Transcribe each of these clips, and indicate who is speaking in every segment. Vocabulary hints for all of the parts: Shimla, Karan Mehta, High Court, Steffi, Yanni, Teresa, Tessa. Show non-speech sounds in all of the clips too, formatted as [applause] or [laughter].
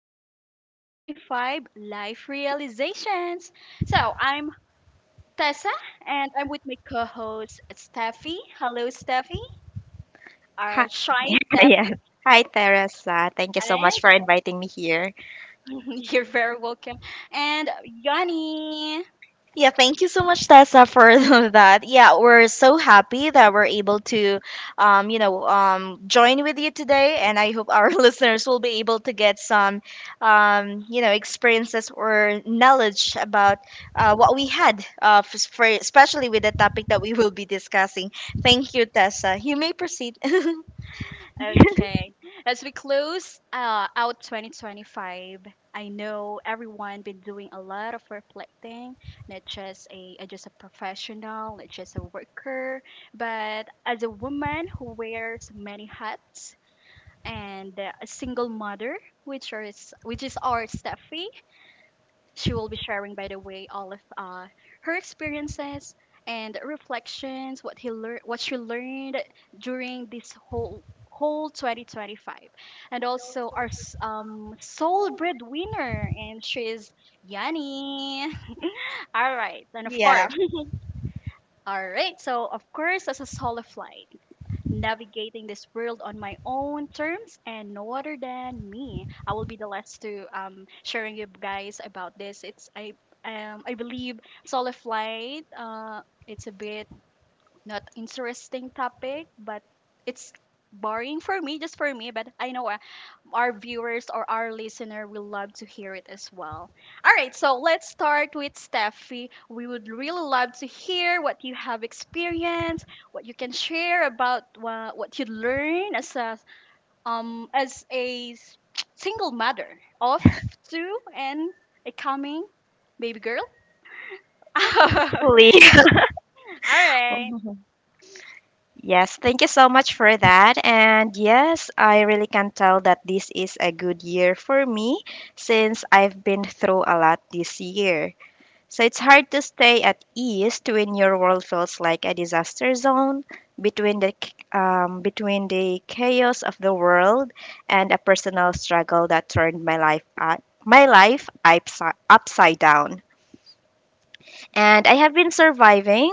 Speaker 1: our 2025 Life Realizations. So, I'm Tessa and I'm with my co host, Steffi. Hello, Steffi,
Speaker 2: Hi,
Speaker 1: our shy
Speaker 2: [laughs] yes.
Speaker 1: Steffi.
Speaker 2: Hi, Teresa. Thank you so
Speaker 1: And
Speaker 2: much for inviting me here.
Speaker 1: [laughs] you're very welcome. And Yanni.
Speaker 3: Yeah, thank you so much, Tessa, for [laughs] that. Yeah, we're so happy that we're able to, join with you today, and I hope our [laughs] listeners will be able to get some, experiences or knowledge about what we had, for, especially with the topic that we will be discussing. Thank you, Tessa. You may proceed. [laughs]
Speaker 1: Okay. As we close out 2025, I know everyone been doing a lot of reflecting, not just a just a professional, not just a worker, but as a woman who wears many hats and a single mother, which is our Steffi. She will be sharing, by the way, all of her experiences and reflections, what he learned, what she learned during this whole 2025, and also our sole breadwinner, and she is Yanni. All right, and of
Speaker 3: Yeah.
Speaker 1: course, all right. So of course, as a soul of light navigating this world on my own terms and no other than me. I will be the last to sharing you guys about this. It's I believe solar flight. It's a bit not interesting topic, but it's boring for me, just for me. But I know our viewers or our listener will love to hear it as well. All right, so let's start with Steffi. We would really love to hear what you have experienced, what you can share about what you learn as a [tsk] single mother of two and a coming baby girl. [laughs] All
Speaker 2: Please. Well,
Speaker 1: right.
Speaker 3: [laughs]
Speaker 2: yes, thank you so much for that. And yes, I really can tell that this is a good year for me since I've been through a lot this year. So it's hard to stay at ease when your world feels like a disaster zone between between the chaos of the world and a personal struggle that turned my life upside down. And I have been surviving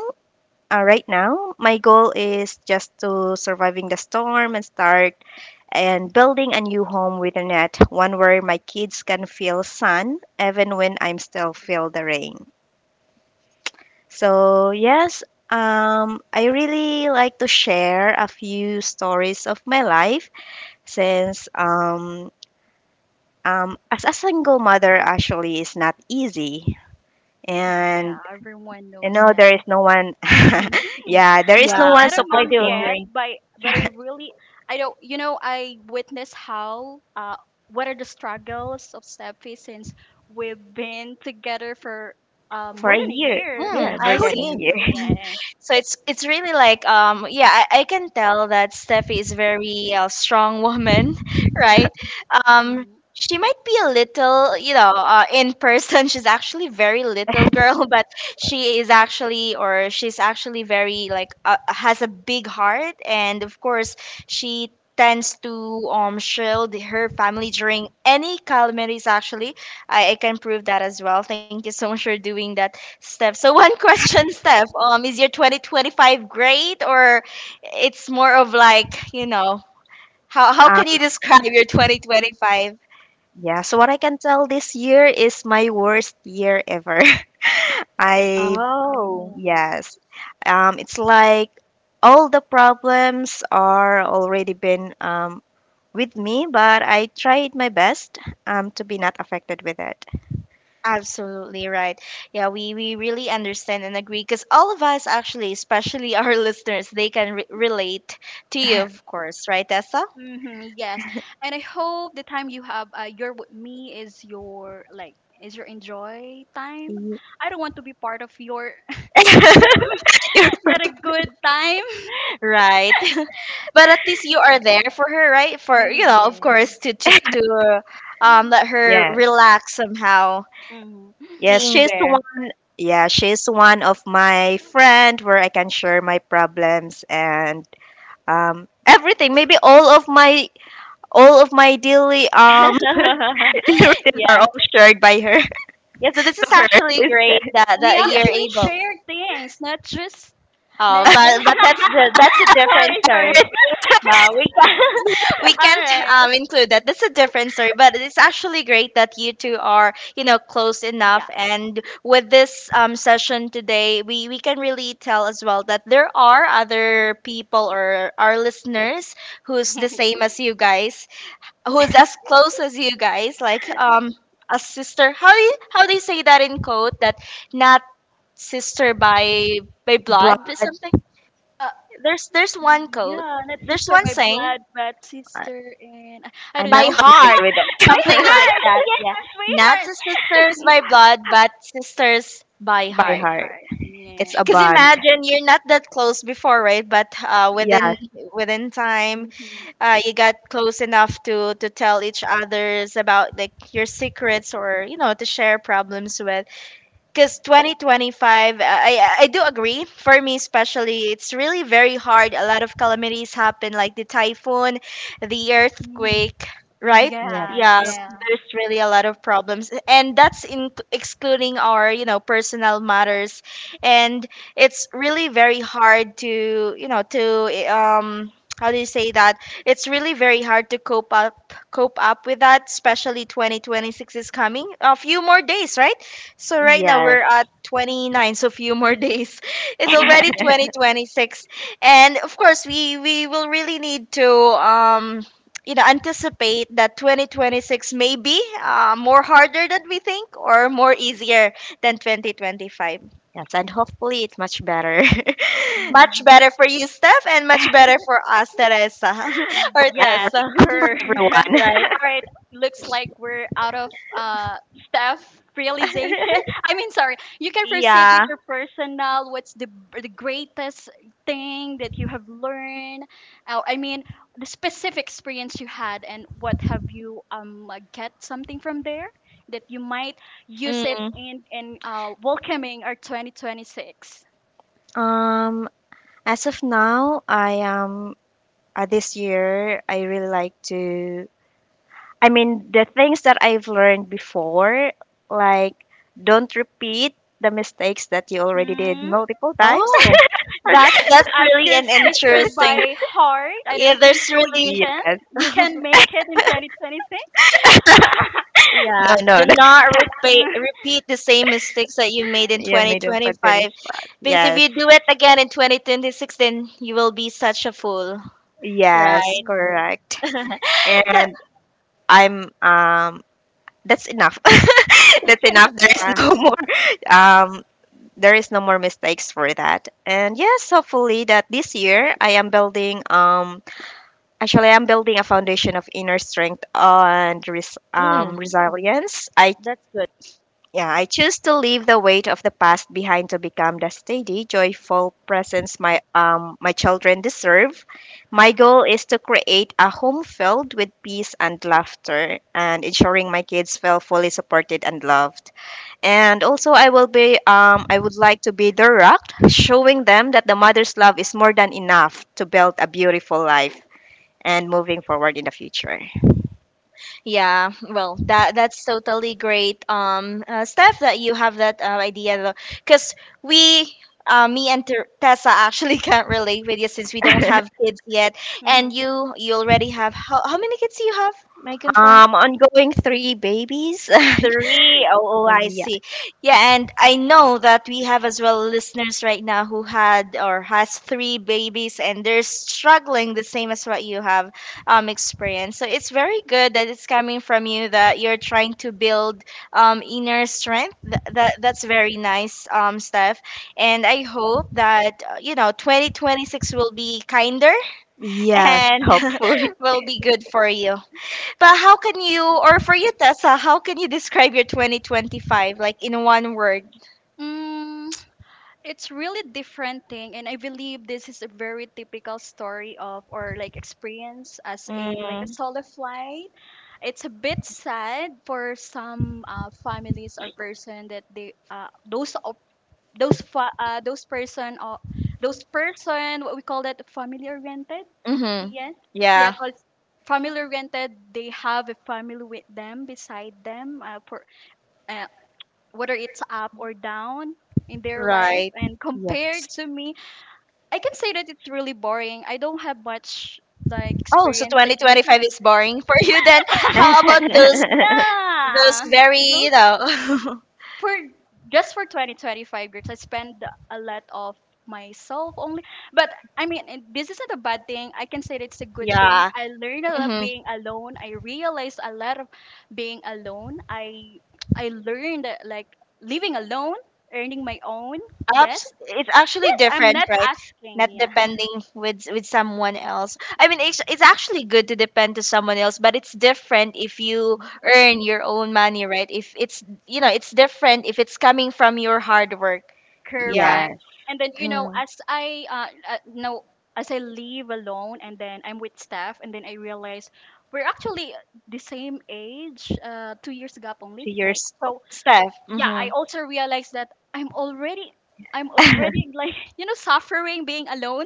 Speaker 2: right now. My goal is just to surviving the storm and start and building a new home with a net, one where my kids can feel sun even when I'm still feel the rain. So yes, I really like to share a few stories of my life since as a single mother actually is not easy and
Speaker 1: Yeah, everyone
Speaker 2: you
Speaker 1: knows
Speaker 2: know,
Speaker 1: that.
Speaker 2: there is no one.
Speaker 1: [laughs]
Speaker 2: [laughs] Yeah, there is no
Speaker 3: Yeah,
Speaker 1: I'm
Speaker 2: one
Speaker 1: not a
Speaker 3: I
Speaker 1: mom
Speaker 3: do
Speaker 2: supporting
Speaker 1: yet,
Speaker 3: agree.
Speaker 1: but I really I don't. I witness how what are the struggles of Steffi since we've been together for
Speaker 2: for
Speaker 1: more
Speaker 2: a
Speaker 1: than a
Speaker 2: year.
Speaker 1: year.
Speaker 3: Mm,
Speaker 2: Yeah, more
Speaker 3: I
Speaker 1: [laughs]
Speaker 2: than a
Speaker 3: see.
Speaker 1: With
Speaker 2: year. [laughs]
Speaker 1: yes.
Speaker 3: So it's really like yeah, I can tell that Steffi is very strong woman, [laughs] right? um
Speaker 1: Hmm.
Speaker 3: she might be a little, you know, in person, [laughs] she's actually very little girl, [laughs] but she is actually, or she's actually very like, has a big heart, and of course she tends to shield her family during any calamities. Actually, I can prove that as well. Thank you so much for doing that, Steph. So one [laughs] question, Steph. Is your 2025 great, or it's more of like, you know, how can you
Speaker 2: Um,
Speaker 3: describe your 2025?
Speaker 2: yeah, so what I can tell this year is my worst year ever. [laughs] I,
Speaker 3: Oh,
Speaker 1: Oh.
Speaker 2: yes. It's like all the problems are already been with me, but I tried my best to be not affected with it.
Speaker 3: absolutely right. Yeah, we really understand and agree, because all of us actually, especially our [laughs] listeners, they can relate to you, of course, right, Tessa?
Speaker 1: Hmm, yes. And I hope the time you have you're with me is your like is your enjoy time. I don't want to be part of your [laughs]
Speaker 2: [laughs] [laughs]
Speaker 1: not a good time.
Speaker 3: Right. [laughs] But at least you are there for her, right? For, you
Speaker 1: Mm,
Speaker 3: know, of
Speaker 1: yeah.
Speaker 3: course, to let her
Speaker 2: Yeah.
Speaker 3: relax somehow,
Speaker 1: Mhm.
Speaker 2: Yes,
Speaker 3: being
Speaker 2: she's
Speaker 3: there.
Speaker 2: one.
Speaker 1: [laughs]
Speaker 2: Yeah, she's one of my friend where I can share my problems and everything. Maybe all of my daily
Speaker 3: [laughs]
Speaker 2: [laughs] difficulties are
Speaker 3: Yeah.
Speaker 2: all shared by her [laughs] to
Speaker 3: Yeah, so this is
Speaker 2: her
Speaker 3: actually great
Speaker 2: instead.
Speaker 3: that
Speaker 1: We
Speaker 3: that
Speaker 2: Yeah,
Speaker 3: you're
Speaker 1: actually
Speaker 3: able.
Speaker 1: share things, not just not
Speaker 3: Um,
Speaker 1: just.
Speaker 3: but but that's the, that's a
Speaker 1: [laughs]
Speaker 3: different
Speaker 1: sorry,
Speaker 3: story.
Speaker 1: sorry.
Speaker 3: No, we can't, [laughs] we
Speaker 1: All
Speaker 3: can't
Speaker 1: right.
Speaker 3: include that. That's a different story. But it's actually great that you two are, you know, close
Speaker 1: Yeah.
Speaker 3: enough. And with this session today, we can really tell as well that there are other people or our listeners who's the
Speaker 1: [laughs]
Speaker 3: same as you guys, who's as close as you guys, like a sister. How do you, how do you say that in code? That not sister by blood,
Speaker 2: but
Speaker 3: but something.
Speaker 1: Uh,
Speaker 3: There's one code.
Speaker 1: yeah, not
Speaker 3: There's
Speaker 1: sister
Speaker 3: one
Speaker 1: by
Speaker 3: saying,
Speaker 1: blood, but
Speaker 2: I-
Speaker 1: sister and I
Speaker 2: I'm
Speaker 1: don't
Speaker 2: not
Speaker 3: by
Speaker 1: know.
Speaker 2: familiar
Speaker 3: heart,
Speaker 2: with
Speaker 1: [laughs] By
Speaker 2: it.
Speaker 3: something like
Speaker 1: heart.
Speaker 3: that. Yeah,
Speaker 1: Yes, by
Speaker 3: not
Speaker 1: heart.
Speaker 3: sisters by
Speaker 2: [laughs]
Speaker 3: blood, but sisters by
Speaker 1: [laughs]
Speaker 2: By
Speaker 1: By
Speaker 3: heart.
Speaker 2: heart.
Speaker 1: heart.
Speaker 2: It's a
Speaker 1: Yes.
Speaker 3: Cause
Speaker 2: bond.
Speaker 3: imagine you're not that close before, right? But within
Speaker 2: Yes,
Speaker 3: within time,
Speaker 1: Mm-hmm.
Speaker 3: you got close enough to tell each others about like your secrets, or you know, to share problems with. Because 2025, I do agree, for me especially, it's really very hard. A lot of calamities happen, like the typhoon, the
Speaker 1: Mm-hmm.
Speaker 3: earthquake, right?
Speaker 2: yes,
Speaker 1: Yeah,
Speaker 3: Yeah,
Speaker 1: yeah,
Speaker 3: there's really a lot of problems, and that's in excluding our, you know, personal matters. And it's really very hard to, you know, to how do you say that, it's really very hard to cope up with that, especially 2026 is coming, a few more days, right? So right now
Speaker 2: yes,
Speaker 3: we're at 29, so few more days. [laughs] It's
Speaker 1: you were
Speaker 3: already
Speaker 2: [laughs]
Speaker 1: there.
Speaker 3: 2026. And of course, we will really need to um you know, anticipate that 2026 may be more harder than we think, or more easier than 2025.
Speaker 2: yes, and hopefully it's much better [laughs] for
Speaker 3: Much
Speaker 1: Mhm.
Speaker 3: better for you, Steph, and much better for us, Teresa, [laughs] or
Speaker 1: Yes,
Speaker 3: Tessa. [laughs]
Speaker 1: correct. [laughs]
Speaker 2: everyone.
Speaker 3: Right?
Speaker 2: [laughs]
Speaker 1: All right, looks like we're out of staff realization. [laughs] I mean, sorry. You can proceed with
Speaker 3: Yeah.
Speaker 1: your personal. What's the greatest thing that you have learned? I mean, the specific experience you had, and what have you get something from there that you might use it
Speaker 3: Mm.
Speaker 1: in welcoming our 2026.
Speaker 2: Um, As of now, I am this year I really like to, I mean, the things that I've learned before, like don't repeat the mistakes that you already did multiple times.
Speaker 3: Oh,
Speaker 2: [laughs]
Speaker 1: [laughs]
Speaker 3: that's
Speaker 1: As
Speaker 3: really
Speaker 1: your
Speaker 3: an
Speaker 1: sister
Speaker 3: interesting.
Speaker 1: by heart. I
Speaker 3: Yeah,
Speaker 1: don't think
Speaker 3: there's
Speaker 1: so. You
Speaker 3: really,
Speaker 1: can.
Speaker 2: Yes.
Speaker 1: You can make it in 2026. [laughs]
Speaker 2: No,
Speaker 3: yeah,
Speaker 2: no,
Speaker 3: do
Speaker 2: no. [laughs]
Speaker 3: not repeat the same mistakes that you made in
Speaker 2: Yeah,
Speaker 1: Okay.
Speaker 2: medium for
Speaker 3: 2025,
Speaker 2: 25.
Speaker 3: because if
Speaker 2: Yes.
Speaker 3: you do it again in 2026, then you will be such a fool,
Speaker 2: Yes,
Speaker 3: right?
Speaker 1: Mhm.
Speaker 2: correct.
Speaker 3: [laughs] That,
Speaker 2: And I'm that's enough. [laughs] That's enough. There is
Speaker 3: yeah.
Speaker 2: no [laughs] more. Um there is no more mistakes for that, and yes, hopefully that this year I am building actually I'm building a foundation of inner strength and
Speaker 3: Mm,
Speaker 2: resilience. I
Speaker 3: that's good.
Speaker 2: Yeah, I choose to leave the weight of the past behind to become the steady joyful presence my children deserve. My goal is to create a home filled with peace and laughter and ensuring my kids feel fully supported and loved, and also, I will be, I would like to be their rock, showing them that the mother's love is more than enough to build a beautiful life and moving forward in the future.
Speaker 3: Yeah, well, that that's totally great. Steph, that you have that idea though, because we, me and Tessa actually [laughs] can't relate with you, since we don't have
Speaker 2: [laughs]
Speaker 3: kids yet, and
Speaker 1: Mhm.
Speaker 3: you already have, how many kids do you have? May I confirm?
Speaker 2: Um, ongoing three babies.
Speaker 3: Three.
Speaker 2: [laughs]
Speaker 3: Oh, oh, I
Speaker 2: Yeah.
Speaker 3: see. Yeah, and I know that we have as well listeners right now who had or has three babies, and they're struggling the same as what you have experienced. So it's very good that it's coming from you, that you're trying to build inner strength. That, that's very nice, Steph. And I hope that you know, 2026 will be kinder,
Speaker 2: Yes,
Speaker 3: and
Speaker 2: hopefully.
Speaker 3: [laughs] will be good for you. But how can you, or for you, Tessa, how can you describe your 2025 like in one word?
Speaker 1: Mm, it's really different thing and I believe this is a very typical story of or like experience as a like a
Speaker 3: Mm.
Speaker 1: solo flight. It's a bit sad for some families or person that they those person or those person what we call that family oriented
Speaker 3: Mm-hmm.
Speaker 1: yes yeah
Speaker 3: Yeah.
Speaker 1: cause family oriented they have a family with them beside them for uh, whether it's up or down in their life
Speaker 3: Right.
Speaker 1: and [laughs] compared
Speaker 2: Yes.
Speaker 1: to me I can say that it's really boring. I don't have much like
Speaker 3: Oh, so
Speaker 1: experience like.
Speaker 3: 2025 is boring for [laughs] you then. How about
Speaker 1: [laughs]
Speaker 3: those
Speaker 1: Yeah,
Speaker 3: very, you know.
Speaker 1: for just for 2025 years I spend a lot of myself only, but I mean, and this isn't a bad thing. I can say that it's a
Speaker 3: [laughs]
Speaker 1: good thing.
Speaker 3: Yeah.
Speaker 1: I learned a lot being alone. I realized a lot of being alone. I learned that, like, living alone, earning my own. Yes,
Speaker 3: It's actually
Speaker 1: yes, I'm
Speaker 3: different,
Speaker 1: not
Speaker 3: right? Not
Speaker 1: asking. Yeah.
Speaker 3: depending with someone else. I mean, it's actually good to depend to someone else, but it's different if you
Speaker 1: Mhm.
Speaker 3: earn your own money, right? If it's, you know, it's different if it's coming from your hard work.
Speaker 2: [laughs]
Speaker 3: Yeah.
Speaker 1: Correct.
Speaker 2: Yes,
Speaker 1: And then you know,
Speaker 3: Mm.
Speaker 1: as I no, as I leave alone, and then I'm with Steph, and then I realize we're actually the same age, 2 years gap only,
Speaker 2: two
Speaker 1: right?
Speaker 2: years.
Speaker 1: So
Speaker 3: Steph.
Speaker 1: yeah, I
Speaker 3: Mhm.
Speaker 1: also realized that I'm already, I'm
Speaker 2: [laughs]
Speaker 1: already like [laughs] you know suffering being alone,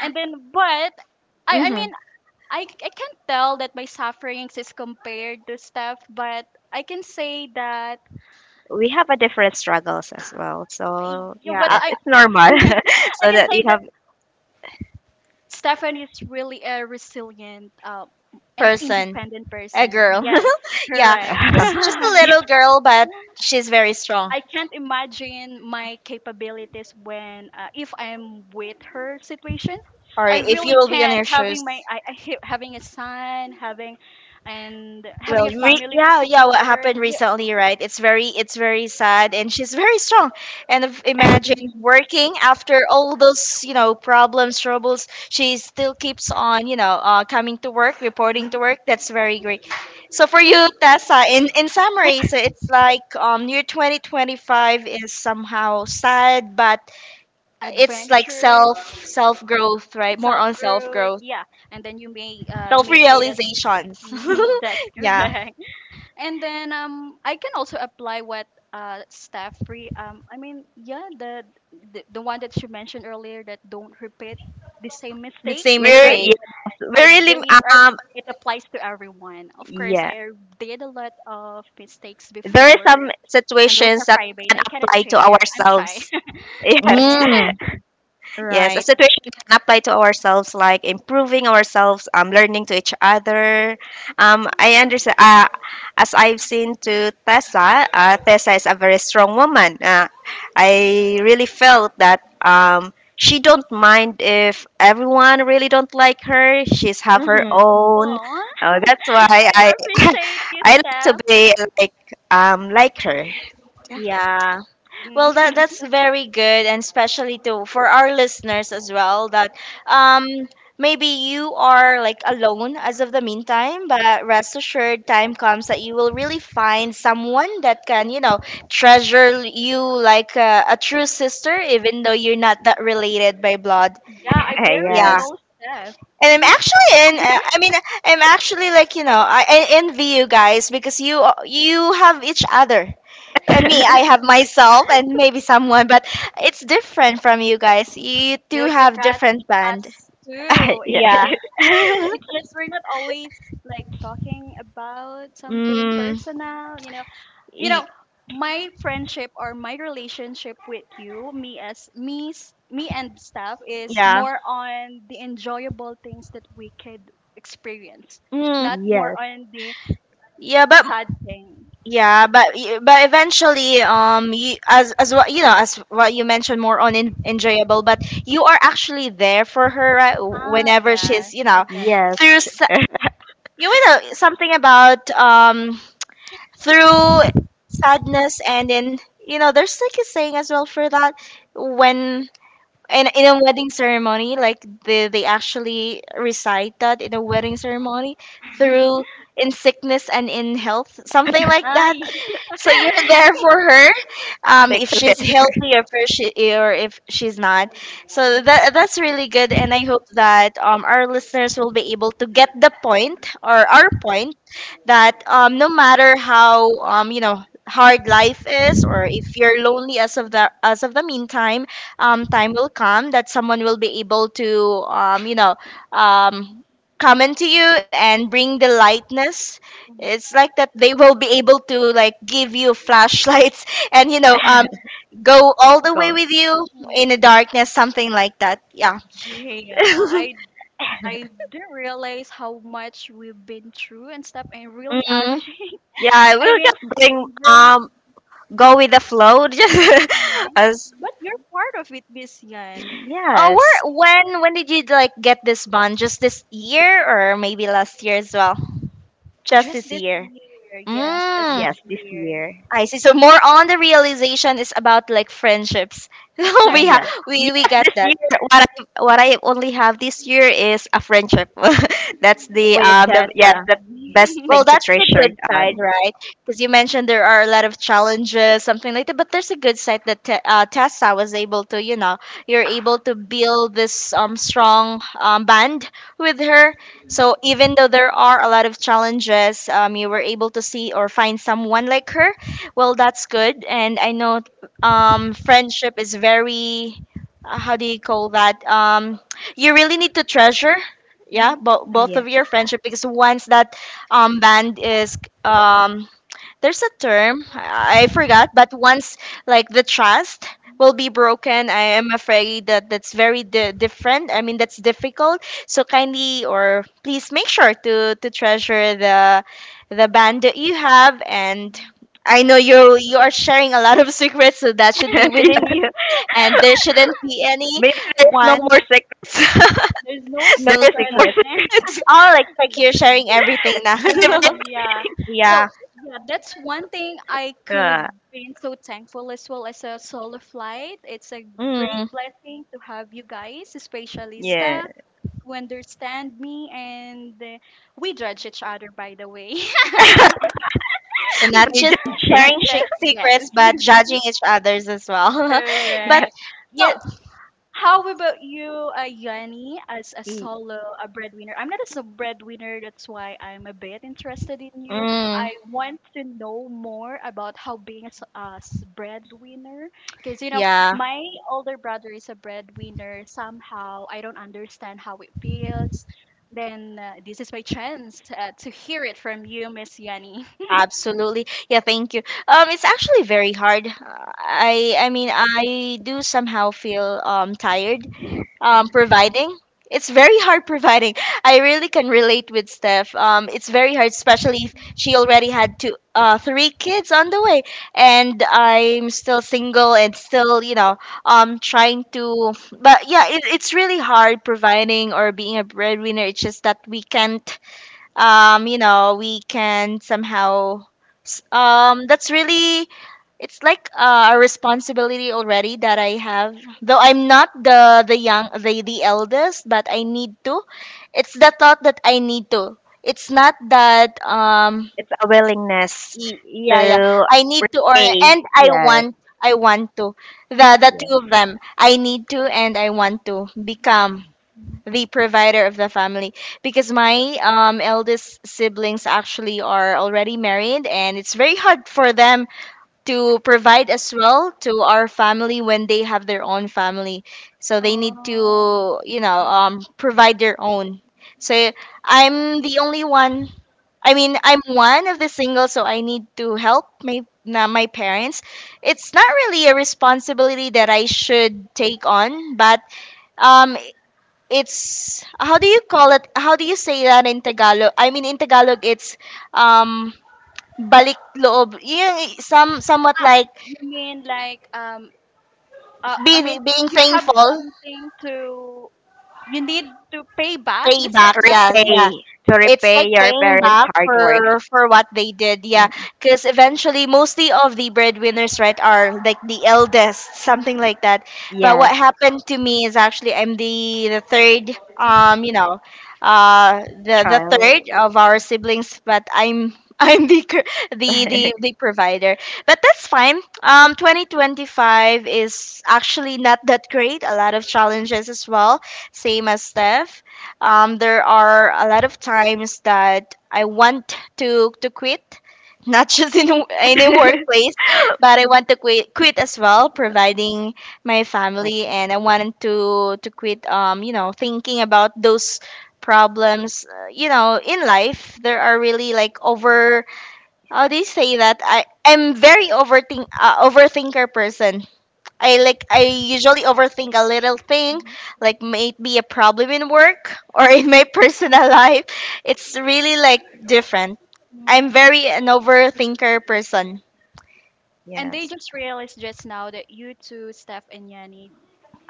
Speaker 1: and then but I I
Speaker 3: Mhm.
Speaker 1: mean I can't tell that my sufferings is compared to Steph, but I can say that
Speaker 2: We have a different struggles as well.
Speaker 1: I,
Speaker 2: So
Speaker 1: you know,
Speaker 3: Yeah.
Speaker 1: but
Speaker 3: A
Speaker 2: yes,
Speaker 1: I
Speaker 2: it's
Speaker 1: [laughs]
Speaker 2: normal. [laughs]
Speaker 1: I
Speaker 2: So
Speaker 1: can
Speaker 2: that you
Speaker 1: say that
Speaker 2: have,
Speaker 1: Stefan is really a resilient and
Speaker 3: person.
Speaker 1: independent
Speaker 3: A
Speaker 1: person.
Speaker 3: girl.
Speaker 1: Yes,
Speaker 3: [laughs] Yeah.
Speaker 1: correct. [laughs]
Speaker 3: She's just
Speaker 2: [laughs]
Speaker 3: a little girl, but she's very strong.
Speaker 1: I can't imagine my capabilities when if I'm with her situation.
Speaker 3: Or
Speaker 1: I
Speaker 3: if you
Speaker 1: really
Speaker 3: will be on
Speaker 1: can't
Speaker 3: your
Speaker 1: having my
Speaker 3: shoes.
Speaker 1: I hate having a son, having and
Speaker 3: Well,
Speaker 1: having a family to
Speaker 3: yeah, yeah, what
Speaker 1: support.
Speaker 3: happened
Speaker 1: Yeah.
Speaker 3: recently, right? It's very sad, and she's very strong. And imagine working after all those, you know, problems, troubles. She still keeps on, you know, coming to work, reporting to
Speaker 1: Mhm.
Speaker 3: work. That's very great. So for you, Tessa, in summary, so it's like year 2025 is somehow sad, but it's like
Speaker 1: Adventure,
Speaker 3: self self growth, right? More
Speaker 1: self
Speaker 3: on self
Speaker 1: growth.
Speaker 3: growth,
Speaker 1: Yeah, and then you
Speaker 3: self
Speaker 1: may say that
Speaker 3: realizations.
Speaker 1: [laughs] that's
Speaker 3: [laughs] Yeah.
Speaker 1: correct. And then I can also apply what staff free I mean yeah the one that you mentioned earlier that don't repeat the same
Speaker 3: The
Speaker 1: mistake
Speaker 3: same
Speaker 2: we're
Speaker 1: correct.
Speaker 3: mistake.
Speaker 2: yes, we're
Speaker 1: I
Speaker 2: really
Speaker 1: believe ev-
Speaker 2: um
Speaker 1: it applies to everyone, of course.
Speaker 2: yes.
Speaker 1: I did a lot of mistakes
Speaker 2: There are
Speaker 1: before,
Speaker 2: some
Speaker 1: and those
Speaker 2: situations
Speaker 1: are
Speaker 2: that
Speaker 1: private.
Speaker 2: can
Speaker 1: I cannot
Speaker 2: apply to
Speaker 1: share. I'm shy.
Speaker 2: ourselves. [laughs]
Speaker 1: [laughs]
Speaker 2: Yes.
Speaker 1: Yeah.
Speaker 3: Mm.
Speaker 2: Yes, a
Speaker 3: Right.
Speaker 2: situation we can apply to ourselves, like improving ourselves, learning to each other. I understand. As I've seen to Tessa, Tessa is a very strong woman. I really felt that she don't mind if everyone really don't like her. She's have her
Speaker 3: Mm-hmm.
Speaker 2: own.
Speaker 1: Oh,
Speaker 2: That's why I
Speaker 1: I
Speaker 2: [laughs]
Speaker 1: appreciate you,
Speaker 2: I like to
Speaker 1: Steph.
Speaker 2: be like like her.
Speaker 3: Yeah. Well, that
Speaker 1: Mm.
Speaker 3: that's very good, and especially to for our listeners as well. That um maybe you are like alone as of the meantime, but rest assured, time comes that you will really find someone that can, you know, treasure you like a true sister, even though you're not that related by blood.
Speaker 1: [laughs] Yeah, I barely
Speaker 3: Yeah.
Speaker 2: [laughs] Yes.
Speaker 1: know Steph.
Speaker 3: And
Speaker 1: I
Speaker 3: I'm
Speaker 1: mean
Speaker 3: actually in. I mean, I'm actually like, you know, I envy you guys, because you have each other, and
Speaker 2: [laughs]
Speaker 3: me, I have myself, and maybe someone, but it's different from you guys. You
Speaker 1: no,
Speaker 3: two
Speaker 1: you
Speaker 3: have
Speaker 1: got
Speaker 3: different
Speaker 1: us
Speaker 3: band.
Speaker 1: too. It's
Speaker 2: Yes.
Speaker 3: Yeah.
Speaker 1: just It's
Speaker 3: [laughs]
Speaker 1: just we're not always like talking about something
Speaker 3: Mm,
Speaker 1: personal, you know. You
Speaker 3: y-
Speaker 1: know, my friendship or my relationship with you, me as me, me and staff is
Speaker 3: yeah.
Speaker 1: more on the enjoyable things that we could experience,
Speaker 3: Mm,
Speaker 1: not more
Speaker 2: Yes.
Speaker 1: on the
Speaker 3: yeah, but
Speaker 1: sad things.
Speaker 3: yeah, but but eventually, you, as what you know, as what you mentioned, more on in, enjoyable. But you are actually there for her, right?
Speaker 1: Ah,
Speaker 3: Whenever she's,
Speaker 1: yeah,
Speaker 3: you
Speaker 1: I
Speaker 3: know,
Speaker 1: got that
Speaker 2: Yes.
Speaker 3: through
Speaker 1: point.
Speaker 3: you know, something about through sadness, and then you know, there's like a saying as well for that, when in a wedding ceremony, like they actually recite that in a wedding ceremony,
Speaker 1: [laughs]
Speaker 3: through in sickness and in health, something like that.
Speaker 1: Ay.
Speaker 3: So you're
Speaker 2: [laughs]
Speaker 3: there for her,
Speaker 2: Stick
Speaker 3: if she's
Speaker 2: together.
Speaker 3: healthy or if she, or if she's not. So that, that's really good, and I hope that our listeners will be able to get the point or our point, that no matter how, you know, hard life is, or if you're lonely as of the, as of the meantime, time will come that someone will be able to, you know, um, come into you and bring the lightness. It's like that they will be able to like give you flashlights, [laughs] and you know, go
Speaker 2: [laughs]
Speaker 3: all the way
Speaker 2: Go.
Speaker 3: with you in the
Speaker 1: [laughs]
Speaker 3: darkness, something like that. Yeah. [laughs]
Speaker 1: Yeah, I didn't realize how much we've been through and stuff, and really
Speaker 3: Mm-hmm.
Speaker 1: averaging.
Speaker 2: Yeah,
Speaker 1: [laughs] I
Speaker 2: we'll
Speaker 1: mean,
Speaker 2: just bring
Speaker 1: really,
Speaker 2: go with the flow. [laughs]
Speaker 1: mhm,
Speaker 2: Just
Speaker 1: yeah.
Speaker 2: as
Speaker 1: But you're part of it, this Yan.
Speaker 3: Oh,
Speaker 2: yes,
Speaker 3: where, when did you like get this bond? Just this year, or maybe last year as well? Just
Speaker 1: Just
Speaker 3: this
Speaker 1: this
Speaker 3: year.
Speaker 1: year, yes, just
Speaker 3: Mm,
Speaker 1: this
Speaker 2: yes, this
Speaker 1: year.
Speaker 2: year.
Speaker 3: I see. So more on the realization is about like friendships. [laughs] So we
Speaker 2: Yes.
Speaker 1: Friendship.
Speaker 3: we
Speaker 2: Yes,
Speaker 3: got
Speaker 2: this
Speaker 3: that
Speaker 2: year what I only have this year is a friendship. [laughs] That's the
Speaker 3: with
Speaker 2: yes,
Speaker 3: Tessa.
Speaker 2: the best
Speaker 1: [laughs]
Speaker 3: Well,
Speaker 2: thing to
Speaker 3: that's the
Speaker 2: treasure it
Speaker 3: good side,
Speaker 2: on.
Speaker 3: right? Because you mentioned there are a lot of challenges, something like that. But there's a good side, that Tessa was able to, you know, you're able to build this strong band with her. So even though there are a lot of challenges, you were able to see or find someone like her. Well, that's good. And I know friendship is very, how do you call that? You really need to treasure, yeah, both
Speaker 2: Yeah.
Speaker 3: of your friendship, because once that band is um there's a term I forgot, but once like the trust will be broken, I am afraid that that's very different. I mean, that's difficult. So kindly, or please, make sure to treasure the band that you have. And
Speaker 1: Mhm.
Speaker 3: I know you, you are sharing a lot of secrets, so that should be
Speaker 2: [laughs]
Speaker 3: within
Speaker 2: Yes.
Speaker 3: you, [laughs] and there shouldn't be any
Speaker 2: Maybe there is no
Speaker 3: one,
Speaker 2: more secrets.
Speaker 1: There's no
Speaker 2: [laughs] There
Speaker 3: no
Speaker 2: is
Speaker 1: secret.
Speaker 2: no more
Speaker 3: secret.
Speaker 2: secrets.
Speaker 3: Oh, like
Speaker 1: There.
Speaker 3: like you're
Speaker 1: [laughs]
Speaker 3: sharing everything now.
Speaker 2: [laughs]
Speaker 1: Mm,
Speaker 2: Everything.
Speaker 1: yeah.
Speaker 3: [laughs]
Speaker 1: So,
Speaker 3: Yeah.
Speaker 1: yeah, that's one thing I could
Speaker 2: Uh,
Speaker 1: be so thankful as well as a solo flight. It's a great
Speaker 3: Mm.
Speaker 1: blessing to have you guys, especially
Speaker 2: yeah.
Speaker 1: staff, who understand me and we judge each other, by the way. [laughs]
Speaker 3: So not
Speaker 1: That's
Speaker 2: Free
Speaker 3: just
Speaker 2: judging.
Speaker 3: sharing
Speaker 1: just, yes.
Speaker 3: secrets, but judging
Speaker 1: [laughs]
Speaker 3: each others as well. [laughs] But
Speaker 1: Correct.
Speaker 2: [laughs]
Speaker 3: yeah,
Speaker 1: So, how about you, Yanni, as a
Speaker 2: Yeah.
Speaker 1: solo a breadwinner? I'm not a sub breadwinner, that's why I'm a bit interested in you. I
Speaker 3: mm,
Speaker 1: want to know more about how being a, breadwinner, because you know,
Speaker 3: yeah,
Speaker 1: my older brother is a breadwinner. Somehow, I don't understand how it feels. Then this is my chance to hear it from you, Miss Yanni. [laughs]
Speaker 3: absolutely. Yeah, thank you. It's actually very hard. I mean, I do somehow feel tired
Speaker 1: Mhm.
Speaker 3: providing. It's very hard providing. I really can relate with Steph. It's very hard, especially if she already had two, three kids on the way, and I'm still single and still, you know, trying to. But yeah, it's really hard providing or being a breadwinner. It's just that we can't we can somehow that's really it's like a responsibility already that I have, though I'm not the the young the eldest, but I need to. It's the thought that I need to. It's not that
Speaker 2: It's a willingness
Speaker 3: y- yeah yeah
Speaker 2: to
Speaker 3: I need to, or
Speaker 2: pay,
Speaker 3: and I
Speaker 2: yes,
Speaker 3: want, I want to. The two
Speaker 2: yes,
Speaker 3: of them, I need to and I want to become
Speaker 1: Mhm.
Speaker 3: the provider of the family, because my eldest siblings actually are already married and it's very hard for them to provide as well to our family when they have their own family. So they need
Speaker 1: Oh,
Speaker 3: to,
Speaker 1: yeah.
Speaker 3: provide their own. So I'm the only one. I mean, I'm one of the single, so I need to help my my parents. It's not really a responsibility that I should take on, but um, it's, how do you call it? How do you say that in Tagalog? I mean, in Tagalog, it's um balik loob. Yung somewhat like
Speaker 1: You mean like I
Speaker 3: be,
Speaker 1: mean,
Speaker 3: being
Speaker 1: you have
Speaker 3: thankful,
Speaker 1: something to, you need to pay back just
Speaker 3: payback.
Speaker 1: like that.
Speaker 3: Yeah,
Speaker 1: Yeah.
Speaker 3: yeah.
Speaker 2: repay, to
Speaker 3: It's
Speaker 2: repay
Speaker 3: like
Speaker 2: your
Speaker 3: paying
Speaker 2: parents'
Speaker 3: back
Speaker 2: hard work.
Speaker 3: for what they did, yeah.
Speaker 2: Mm,
Speaker 3: Because eventually, mostly of the breadwinners, right, are like the eldest,
Speaker 1: Mm-hmm.
Speaker 3: something like that. But what
Speaker 2: yes,
Speaker 3: happened to me is actually I'm the third, um, you know, the
Speaker 2: child.
Speaker 3: third of our siblings, but I'm [laughs] I'm
Speaker 2: [laughs]
Speaker 3: the
Speaker 2: My
Speaker 3: the the provider. But that's fine. 2025 is actually not that great. A lot of challenges as well, same as Steph. There are a lot of times that I want to quit, not [laughs] just in in a workplace, but I want to quit quit as well, providing my family,
Speaker 2: son,
Speaker 3: and I wanted to quit. Thinking about those problems. In life there are really like over. How do you say that? I am very overthinker person. I usually overthink a little thing,
Speaker 1: Mm-hmm.
Speaker 3: like may it be a problem in work [laughs] or in my [laughs] personal life. It's really like different.
Speaker 1: Hmm.
Speaker 3: I'm very an overthinker person.
Speaker 1: And they
Speaker 2: yes,
Speaker 1: just realized just now that you two, Steph and Yanni,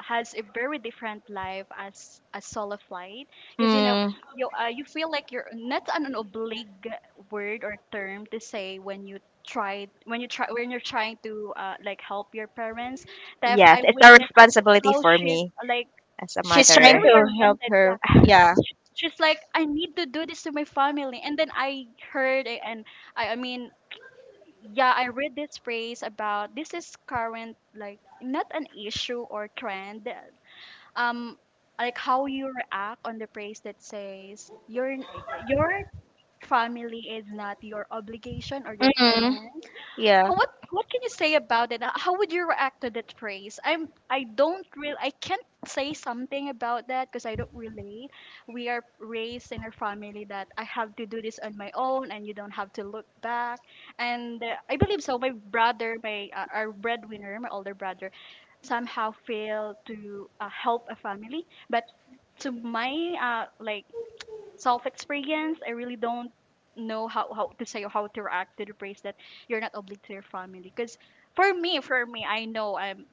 Speaker 1: has a very different life as a solo flight because you know
Speaker 3: Mm.
Speaker 1: you you feel like you're not an an oblique word or term to say when you try when you try when you're trying to like help your parents that
Speaker 2: yes.
Speaker 1: I
Speaker 2: It's a
Speaker 1: witnessed
Speaker 2: responsibility
Speaker 1: how
Speaker 2: for
Speaker 1: she's
Speaker 2: me
Speaker 1: like
Speaker 2: as a
Speaker 3: She's
Speaker 1: she's
Speaker 3: trying
Speaker 2: mother.
Speaker 1: very
Speaker 3: to help
Speaker 1: oriented. Yeah,
Speaker 3: her. Yeah.
Speaker 1: she's like I need to do this to my family, and then I heard it and I mean yeah, I read this phrase about this is current like not an issue or trend, um, like how you react on the phrase that says your family is not your obligation or your
Speaker 3: Mm-hmm.
Speaker 1: parent.
Speaker 3: Yeah.
Speaker 1: How, what can you say about it? How would you react to that phrase? I don't really, I can't say something about that because I don't relate. We are raised in a family that I have to do this on my own and you don't have to look back. And I believe so. My brother, my our breadwinner, my older brother, somehow failed to help a family, but to my like self experience. I really don't know how to say or how to react to the praise that you're not obligated to your family. Because for me, I know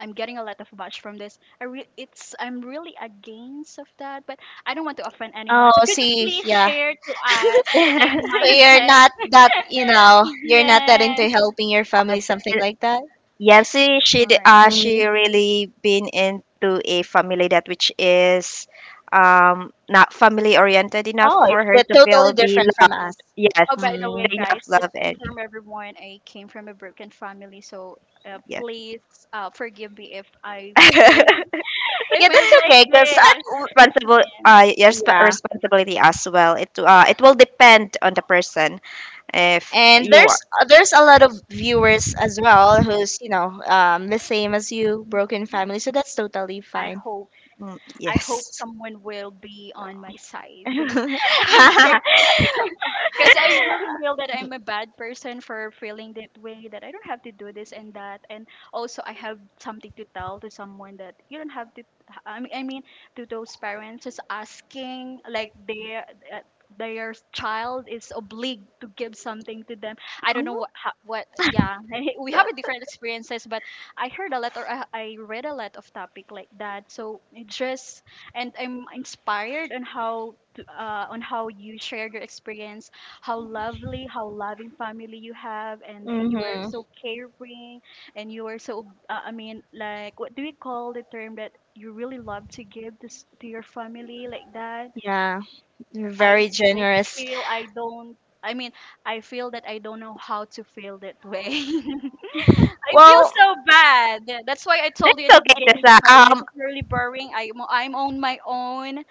Speaker 1: I'm getting a lot of bash from this. I re- it's I'm really against of that, but I don't want to offend anyone. So
Speaker 3: Oh,
Speaker 1: could you
Speaker 3: see,
Speaker 1: please
Speaker 3: yeah.
Speaker 1: share to
Speaker 3: [laughs]
Speaker 1: us the same
Speaker 3: So
Speaker 2: [laughs]
Speaker 3: you're
Speaker 1: mindset?
Speaker 3: not
Speaker 1: [laughs]
Speaker 3: that, you know, you're not that into
Speaker 1: Yes.
Speaker 3: helping your family, something
Speaker 2: Yes.
Speaker 3: like that.
Speaker 2: Yeah, see,
Speaker 1: All right.
Speaker 3: Mm.
Speaker 2: she really been into a family that which is not family oriented enough
Speaker 3: Oh, it's
Speaker 2: for her
Speaker 3: the,
Speaker 2: to
Speaker 3: totally
Speaker 2: feel the
Speaker 3: different from
Speaker 2: love.
Speaker 3: us.
Speaker 2: Yes,
Speaker 1: Oh, by the
Speaker 2: the
Speaker 1: way,
Speaker 3: Mm.
Speaker 2: enough
Speaker 1: guys, just
Speaker 2: love
Speaker 1: to
Speaker 2: and
Speaker 1: inform everyone, I came from a broken family, so
Speaker 2: yeah,
Speaker 1: please forgive me if I feel
Speaker 2: [laughs]
Speaker 1: [laughs] if
Speaker 3: Yeah,
Speaker 1: I'm
Speaker 3: that's
Speaker 1: like
Speaker 3: okay, cause
Speaker 1: this.
Speaker 2: responsible.
Speaker 1: Yes.
Speaker 2: Yes, but
Speaker 3: yeah,
Speaker 2: responsibility as well. It it will depend on the person if
Speaker 3: and
Speaker 2: you are.
Speaker 3: there's a lot of viewers as well who's the same as you, broken
Speaker 1: Mhm.
Speaker 3: family, so that's totally
Speaker 1: I
Speaker 3: fine.
Speaker 1: hope
Speaker 2: Mm,
Speaker 1: I hope
Speaker 2: yes.
Speaker 1: someone will be on my side. [laughs] Okay. [laughs] Because I really
Speaker 2: [laughs]
Speaker 1: feel that I'm a bad person for feeling that way, that I don't have to do this and that. And also, I have something to tell to someone that you don't have to, I mean to those parents just asking, like, uh, their child is obliged to give something to them. I don't know yeah, [laughs] we have a different experiences, but I heard a lot or I read a lot of topic like that. So it just, and I'm inspired on how to, on how you shared your experience, how lovely, how loving family you have, and
Speaker 3: [laughs]
Speaker 1: you are
Speaker 3: Mhm.
Speaker 1: so caring, and you are so, what do you call the term that you really love to give to, to your family like that?
Speaker 3: Yeah, you're
Speaker 1: I,
Speaker 3: very
Speaker 1: I
Speaker 3: generous.
Speaker 1: feel I don't, I mean, I feel that I don't know how to feel that way. [laughs] I feel
Speaker 3: Well,
Speaker 1: so bad. That's why I told
Speaker 2: That's
Speaker 1: you at the
Speaker 2: okay,
Speaker 1: beginning that
Speaker 2: Tessa.
Speaker 1: my life is really boring. I'm on my own,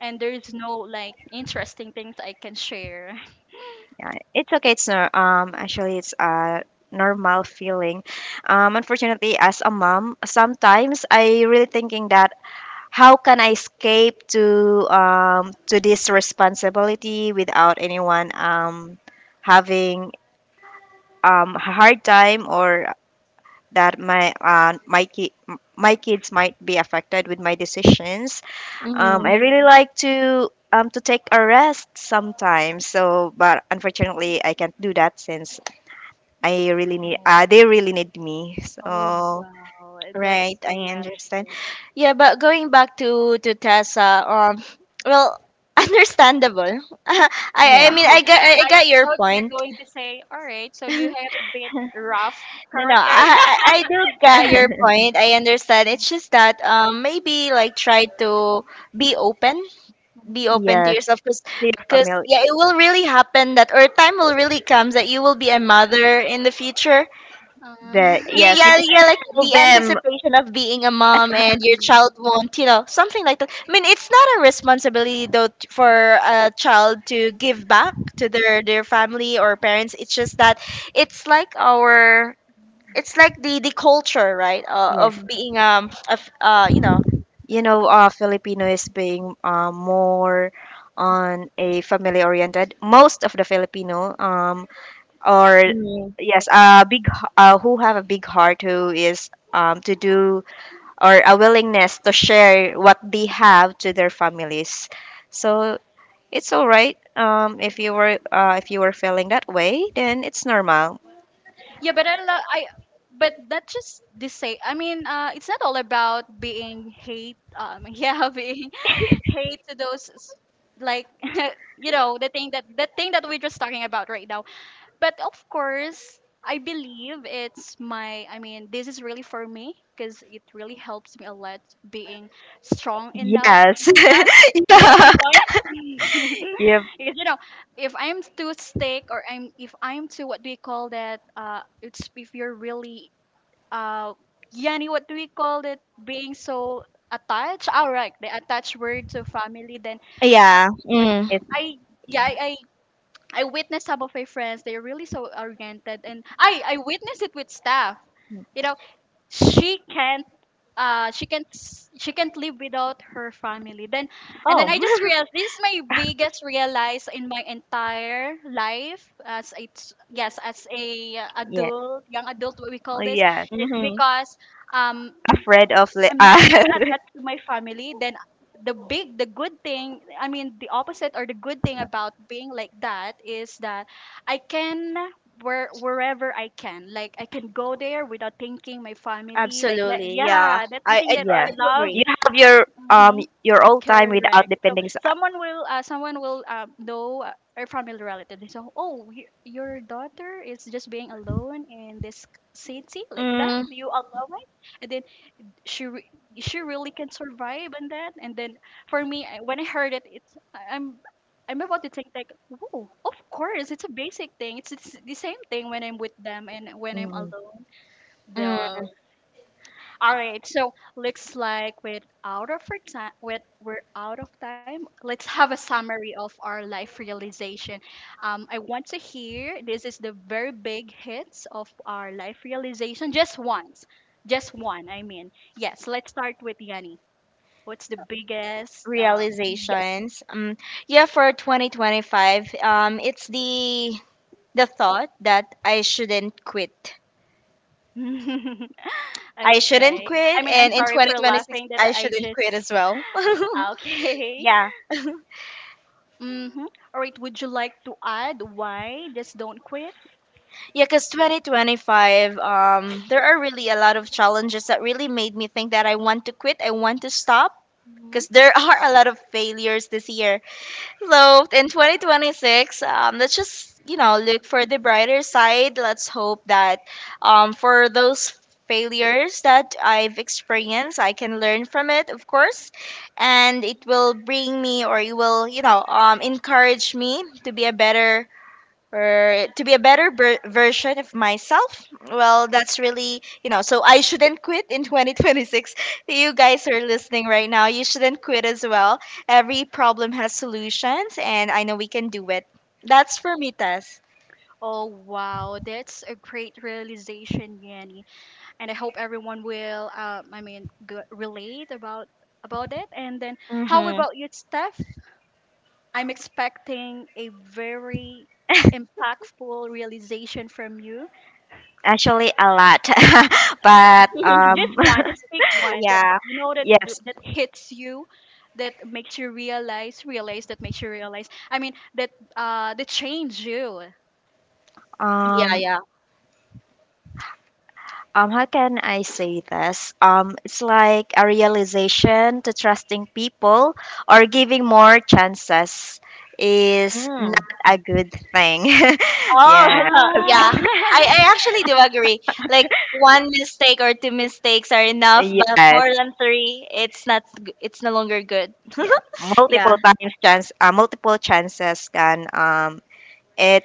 Speaker 1: and there's no like interesting things I can share.
Speaker 2: Yeah, it's okay. It's no, actually, it's a normal feeling. Unfortunately, as a mom, sometimes I really thinking that how can I escape to this responsibility without anyone having a hard time or that my kids might be affected with my decisions.
Speaker 3: mm,
Speaker 2: I really like to take a rest sometimes. So, but unfortunately, I can't do that since I really need
Speaker 1: Oh,
Speaker 2: they really need me.
Speaker 1: oh
Speaker 2: So
Speaker 1: wow, that's
Speaker 3: right,
Speaker 1: so
Speaker 3: I
Speaker 1: lovely.
Speaker 3: understand. Yeah, but going back to Tessa, well, [laughs] understandable. [laughs] I I
Speaker 2: yes.
Speaker 3: mean,
Speaker 1: Oh,
Speaker 3: I got I
Speaker 1: [laughs]
Speaker 3: I
Speaker 1: I
Speaker 3: got your
Speaker 1: thought you're
Speaker 3: point.
Speaker 1: going to say, all right, so you
Speaker 3: [laughs]
Speaker 1: had a bit rough
Speaker 3: No, no,
Speaker 1: character.
Speaker 3: I, I
Speaker 1: [laughs]
Speaker 3: I do get your
Speaker 2: [laughs]
Speaker 3: point. I understand. It's just that maybe like try to be open,
Speaker 1: Mhm.
Speaker 3: be open to
Speaker 2: Yes.
Speaker 3: yourself, because
Speaker 2: Save a family,
Speaker 3: yeah, it will really happen that, or time will really comes that you will be a mother in the future.
Speaker 1: Uh,
Speaker 2: the
Speaker 3: yeah
Speaker 2: yes, you
Speaker 3: yeah
Speaker 2: need
Speaker 1: [laughs]
Speaker 3: yeah
Speaker 2: to
Speaker 3: like
Speaker 2: fill
Speaker 3: the
Speaker 2: them.
Speaker 3: anticipation of being a mom and your child
Speaker 1: Mm.
Speaker 3: won't, you know, something like that. I mean, it's not a responsibility, though, for a child to give back to their family or parents. It's just that it's like our, it's like the culture, right,
Speaker 2: Yes.
Speaker 3: of being of you know
Speaker 2: You know, Filipino is being more on a family oriented. Most of the Filipino are
Speaker 3: Mm.
Speaker 2: yes, who have a big heart, who is to do or a willingness to share what they have to their families. So it's all right. Um, if you were feeling that way, then it's normal.
Speaker 1: Yeah, but I love I. But that just the say. It's not all about being hate. [laughs] Yeah, being [laughs] hate to those like [laughs] the thing that we're just talking about right now. But of course, I believe it's my, this is really for me because it really helps me a lot being strong enough,
Speaker 2: Yes.
Speaker 1: yeah.
Speaker 2: [laughs]
Speaker 1: You get my
Speaker 2: Yeah.
Speaker 1: point. [laughs]
Speaker 2: Yep.
Speaker 1: Because you know, if I'm too stick, or I'm if I'm too what do you call that, it's if you're really, uh Yani, what do we call that? Being so attached, all right, the attached word to family. Then uh,
Speaker 3: Yeah.
Speaker 1: yeah,
Speaker 3: Mm.
Speaker 2: It's
Speaker 1: i yeah I, I I witnessed some of my friends. They're really so oriented, and I witnessed it with staff. You know, she can't, she can't she can't live without her family. Then and
Speaker 3: Oh
Speaker 1: then I
Speaker 3: [laughs]
Speaker 1: just realized this is my biggest realize in my entire life as a yes, as a
Speaker 2: yeah.
Speaker 1: adult, young adult, what we
Speaker 2: Oh,
Speaker 1: call this.
Speaker 2: yeah.
Speaker 1: It's
Speaker 3: Mm-hmm.
Speaker 1: because um
Speaker 2: Afraid of li-
Speaker 1: I'm not
Speaker 2: uh,
Speaker 1: that
Speaker 2: [laughs]
Speaker 1: attached to my family. Then the big, the good thing, the opposite or the good thing about being like that is that I can, wherever I can, like I can go there without thinking my family. Like
Speaker 3: Absolutely. Yeah.
Speaker 1: yeah, that's the thing that I
Speaker 2: yeah.
Speaker 3: I do
Speaker 1: love.
Speaker 3: agree.
Speaker 2: You have
Speaker 1: Mm-hmm.
Speaker 2: your old time without
Speaker 1: Correct. So
Speaker 2: depending.
Speaker 1: someone will, someone will, know, a family relative. They say, "Oh, your daughter is just being alone in this city like that.
Speaker 3: Mm.
Speaker 1: Do you allow it?" And she re- she really can survive, and that, and then for me, when I heard it, it's, I'm about to think, like, whoa, of course it's a basic thing. It's the same thing when I'm with them and when I'm
Speaker 2: Mm,
Speaker 1: alone. The,
Speaker 3: Mm,
Speaker 1: all right, so looks like we're out of our time. With we're out of time. Let's have a summary of our life realization. I want to hear. This is the very big hits of our life realization. Just once, just one. Yes. Let's start with Yanni. What's the biggest?
Speaker 3: realizations. Yeah, for 2025, it's the thought that I shouldn't quit.
Speaker 1: Yeah. [laughs]
Speaker 3: I shouldn't
Speaker 1: Okay. I
Speaker 3: quit,
Speaker 1: mean, I'm
Speaker 3: and in
Speaker 1: sorry for
Speaker 3: 2026,
Speaker 1: laughing. That
Speaker 3: I
Speaker 1: I
Speaker 3: shouldn't
Speaker 1: just
Speaker 3: quit as well. [laughs]
Speaker 1: okay. [laughs]
Speaker 3: yeah,
Speaker 1: Mm-hmm. All right. Would you like to add why just don't quit?
Speaker 3: yeah, because 2025, there are really a lot of challenges that really made me think that I want to quit. I want to stop
Speaker 1: Mhm.
Speaker 3: because there [laughs] are a lot of failures this year. So in 2026, let's just, you know, look for the brighter side. Let's hope that, for those failures that I've experienced, I can learn from it, of course, and it will bring me, or it will, you know, encourage me to be a better, or to be a better version of myself. Well, that's really, you know, so I shouldn't quit in 2026. You guys who are listening right now, you shouldn't quit as well. Every problem has solutions, and I know we can do it. That's for me, Tess.
Speaker 1: Oh wow, that's a great realization, Yanni. And I hope everyone will, relate about it. And then, how
Speaker 3: Mm-hmm.
Speaker 1: about you, Steph? I'm expecting a very impactful realization from you.
Speaker 2: actually, a lot, [laughs] but
Speaker 3: [laughs]
Speaker 1: Just
Speaker 2: um
Speaker 1: one, just pick one that that
Speaker 3: yeah
Speaker 1: you know that
Speaker 2: [laughs] yes.
Speaker 1: that hits you, that makes you realize, realize that makes you realize. I mean, that, that change you.
Speaker 3: yeah
Speaker 2: Um,
Speaker 3: yeah
Speaker 2: um, how can I say this? Um, it's like a realization to trusting people or giving more chances is
Speaker 3: Mm.
Speaker 2: not a good thing. [laughs]
Speaker 3: Oh [laughs]
Speaker 2: Yeah.
Speaker 3: no,
Speaker 1: Ah.
Speaker 3: yeah, I
Speaker 1: [laughs]
Speaker 3: actually do agree. Like one mistake or two mistakes are enough, but
Speaker 2: Yes.
Speaker 3: more than three, it's not g- it's no longer good.
Speaker 2: Yeah.
Speaker 3: Yeah.
Speaker 2: Multiple chances can it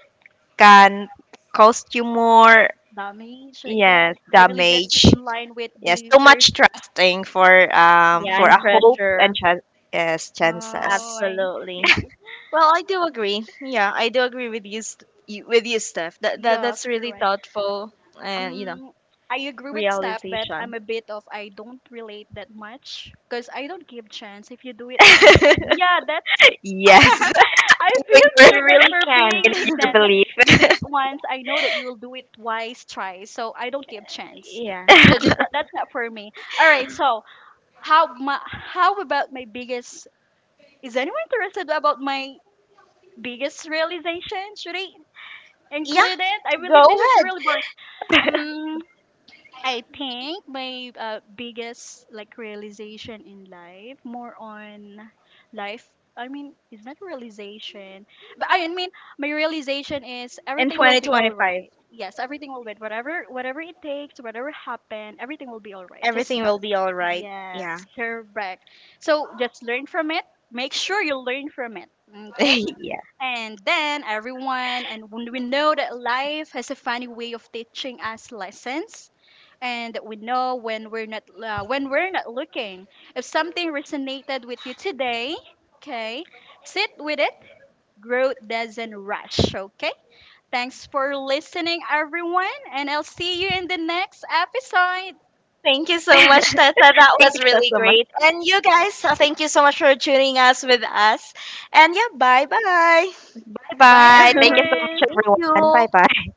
Speaker 2: can cost you more
Speaker 1: Damage like that.
Speaker 2: yes
Speaker 1: I believe that's
Speaker 2: damage.
Speaker 1: in line with
Speaker 2: Yes,
Speaker 1: the
Speaker 2: too
Speaker 1: first.
Speaker 2: much trusting
Speaker 3: Yeah,
Speaker 2: for
Speaker 3: and
Speaker 2: a
Speaker 1: Mm,
Speaker 2: hope and
Speaker 3: pressure.
Speaker 2: chance yes
Speaker 1: oh,
Speaker 2: chances.
Speaker 1: I
Speaker 3: Absolutely.
Speaker 1: see.
Speaker 3: Well, I do agree. Yeah, I do agree with you, with you, Steph. That,
Speaker 1: Yeah,
Speaker 3: that's really
Speaker 1: correct.
Speaker 3: thoughtful, and you know,
Speaker 1: Um, I agree with Steph, but I'm
Speaker 3: realization.
Speaker 1: a bit of I don't relate that much because I don't give chance if you do it one time.
Speaker 2: [laughs]
Speaker 1: Yeah, that's
Speaker 2: Yes.
Speaker 1: [laughs] I feel
Speaker 3: You
Speaker 2: [laughs]
Speaker 1: so bad
Speaker 3: really
Speaker 1: for
Speaker 3: can't.
Speaker 1: being
Speaker 2: In
Speaker 1: like
Speaker 2: your
Speaker 1: that. Yeah, if you
Speaker 2: belief.
Speaker 1: did it once, I know that you will do it twice, twice. So I don't give chance.
Speaker 3: Yeah.
Speaker 1: So this that's not for me. All right. So how my, how about my biggest Is anyone interested about my biggest realization? Should I
Speaker 3: Yeah,
Speaker 1: include it? I
Speaker 3: go
Speaker 1: believe this is
Speaker 3: ahead.
Speaker 1: really boring. Um, I think my, biggest like realization in life, more on life. I mean, it's not realization, but I mean, my realization is
Speaker 3: In
Speaker 1: everything will be all
Speaker 3: 2025,
Speaker 1: right. Yes, everything will be whatever whatever it takes, whatever happen, everything will be all right. Just
Speaker 3: everything will
Speaker 1: trust.
Speaker 3: be all right.
Speaker 1: Yes,
Speaker 3: Yeah.
Speaker 1: correct. So just learn from it. Make sure you learn from it.
Speaker 2: [laughs]
Speaker 1: Okay.
Speaker 2: [laughs] yeah.
Speaker 1: And then everyone, and when we know that life has a funny way of teaching us lessons, and that we know when we're not, when we're not looking. If something resonated with you today, okay, sit with it. Growth doesn't rush. Okay. Thanks for listening, everyone, and I'll see you in the next episode.
Speaker 3: Thank you so much, Tessa.
Speaker 2: [laughs]
Speaker 3: That
Speaker 2: Thank
Speaker 3: was
Speaker 2: you so
Speaker 3: really
Speaker 2: so much.
Speaker 3: great. And you guys, thank you so much for tuning us with us. And yeah, bye bye.
Speaker 1: Bye,
Speaker 2: Bye. Thank you so much,
Speaker 1: everyone.
Speaker 3: [laughs] Thank
Speaker 2: everyone.
Speaker 3: you.
Speaker 2: Bye bye.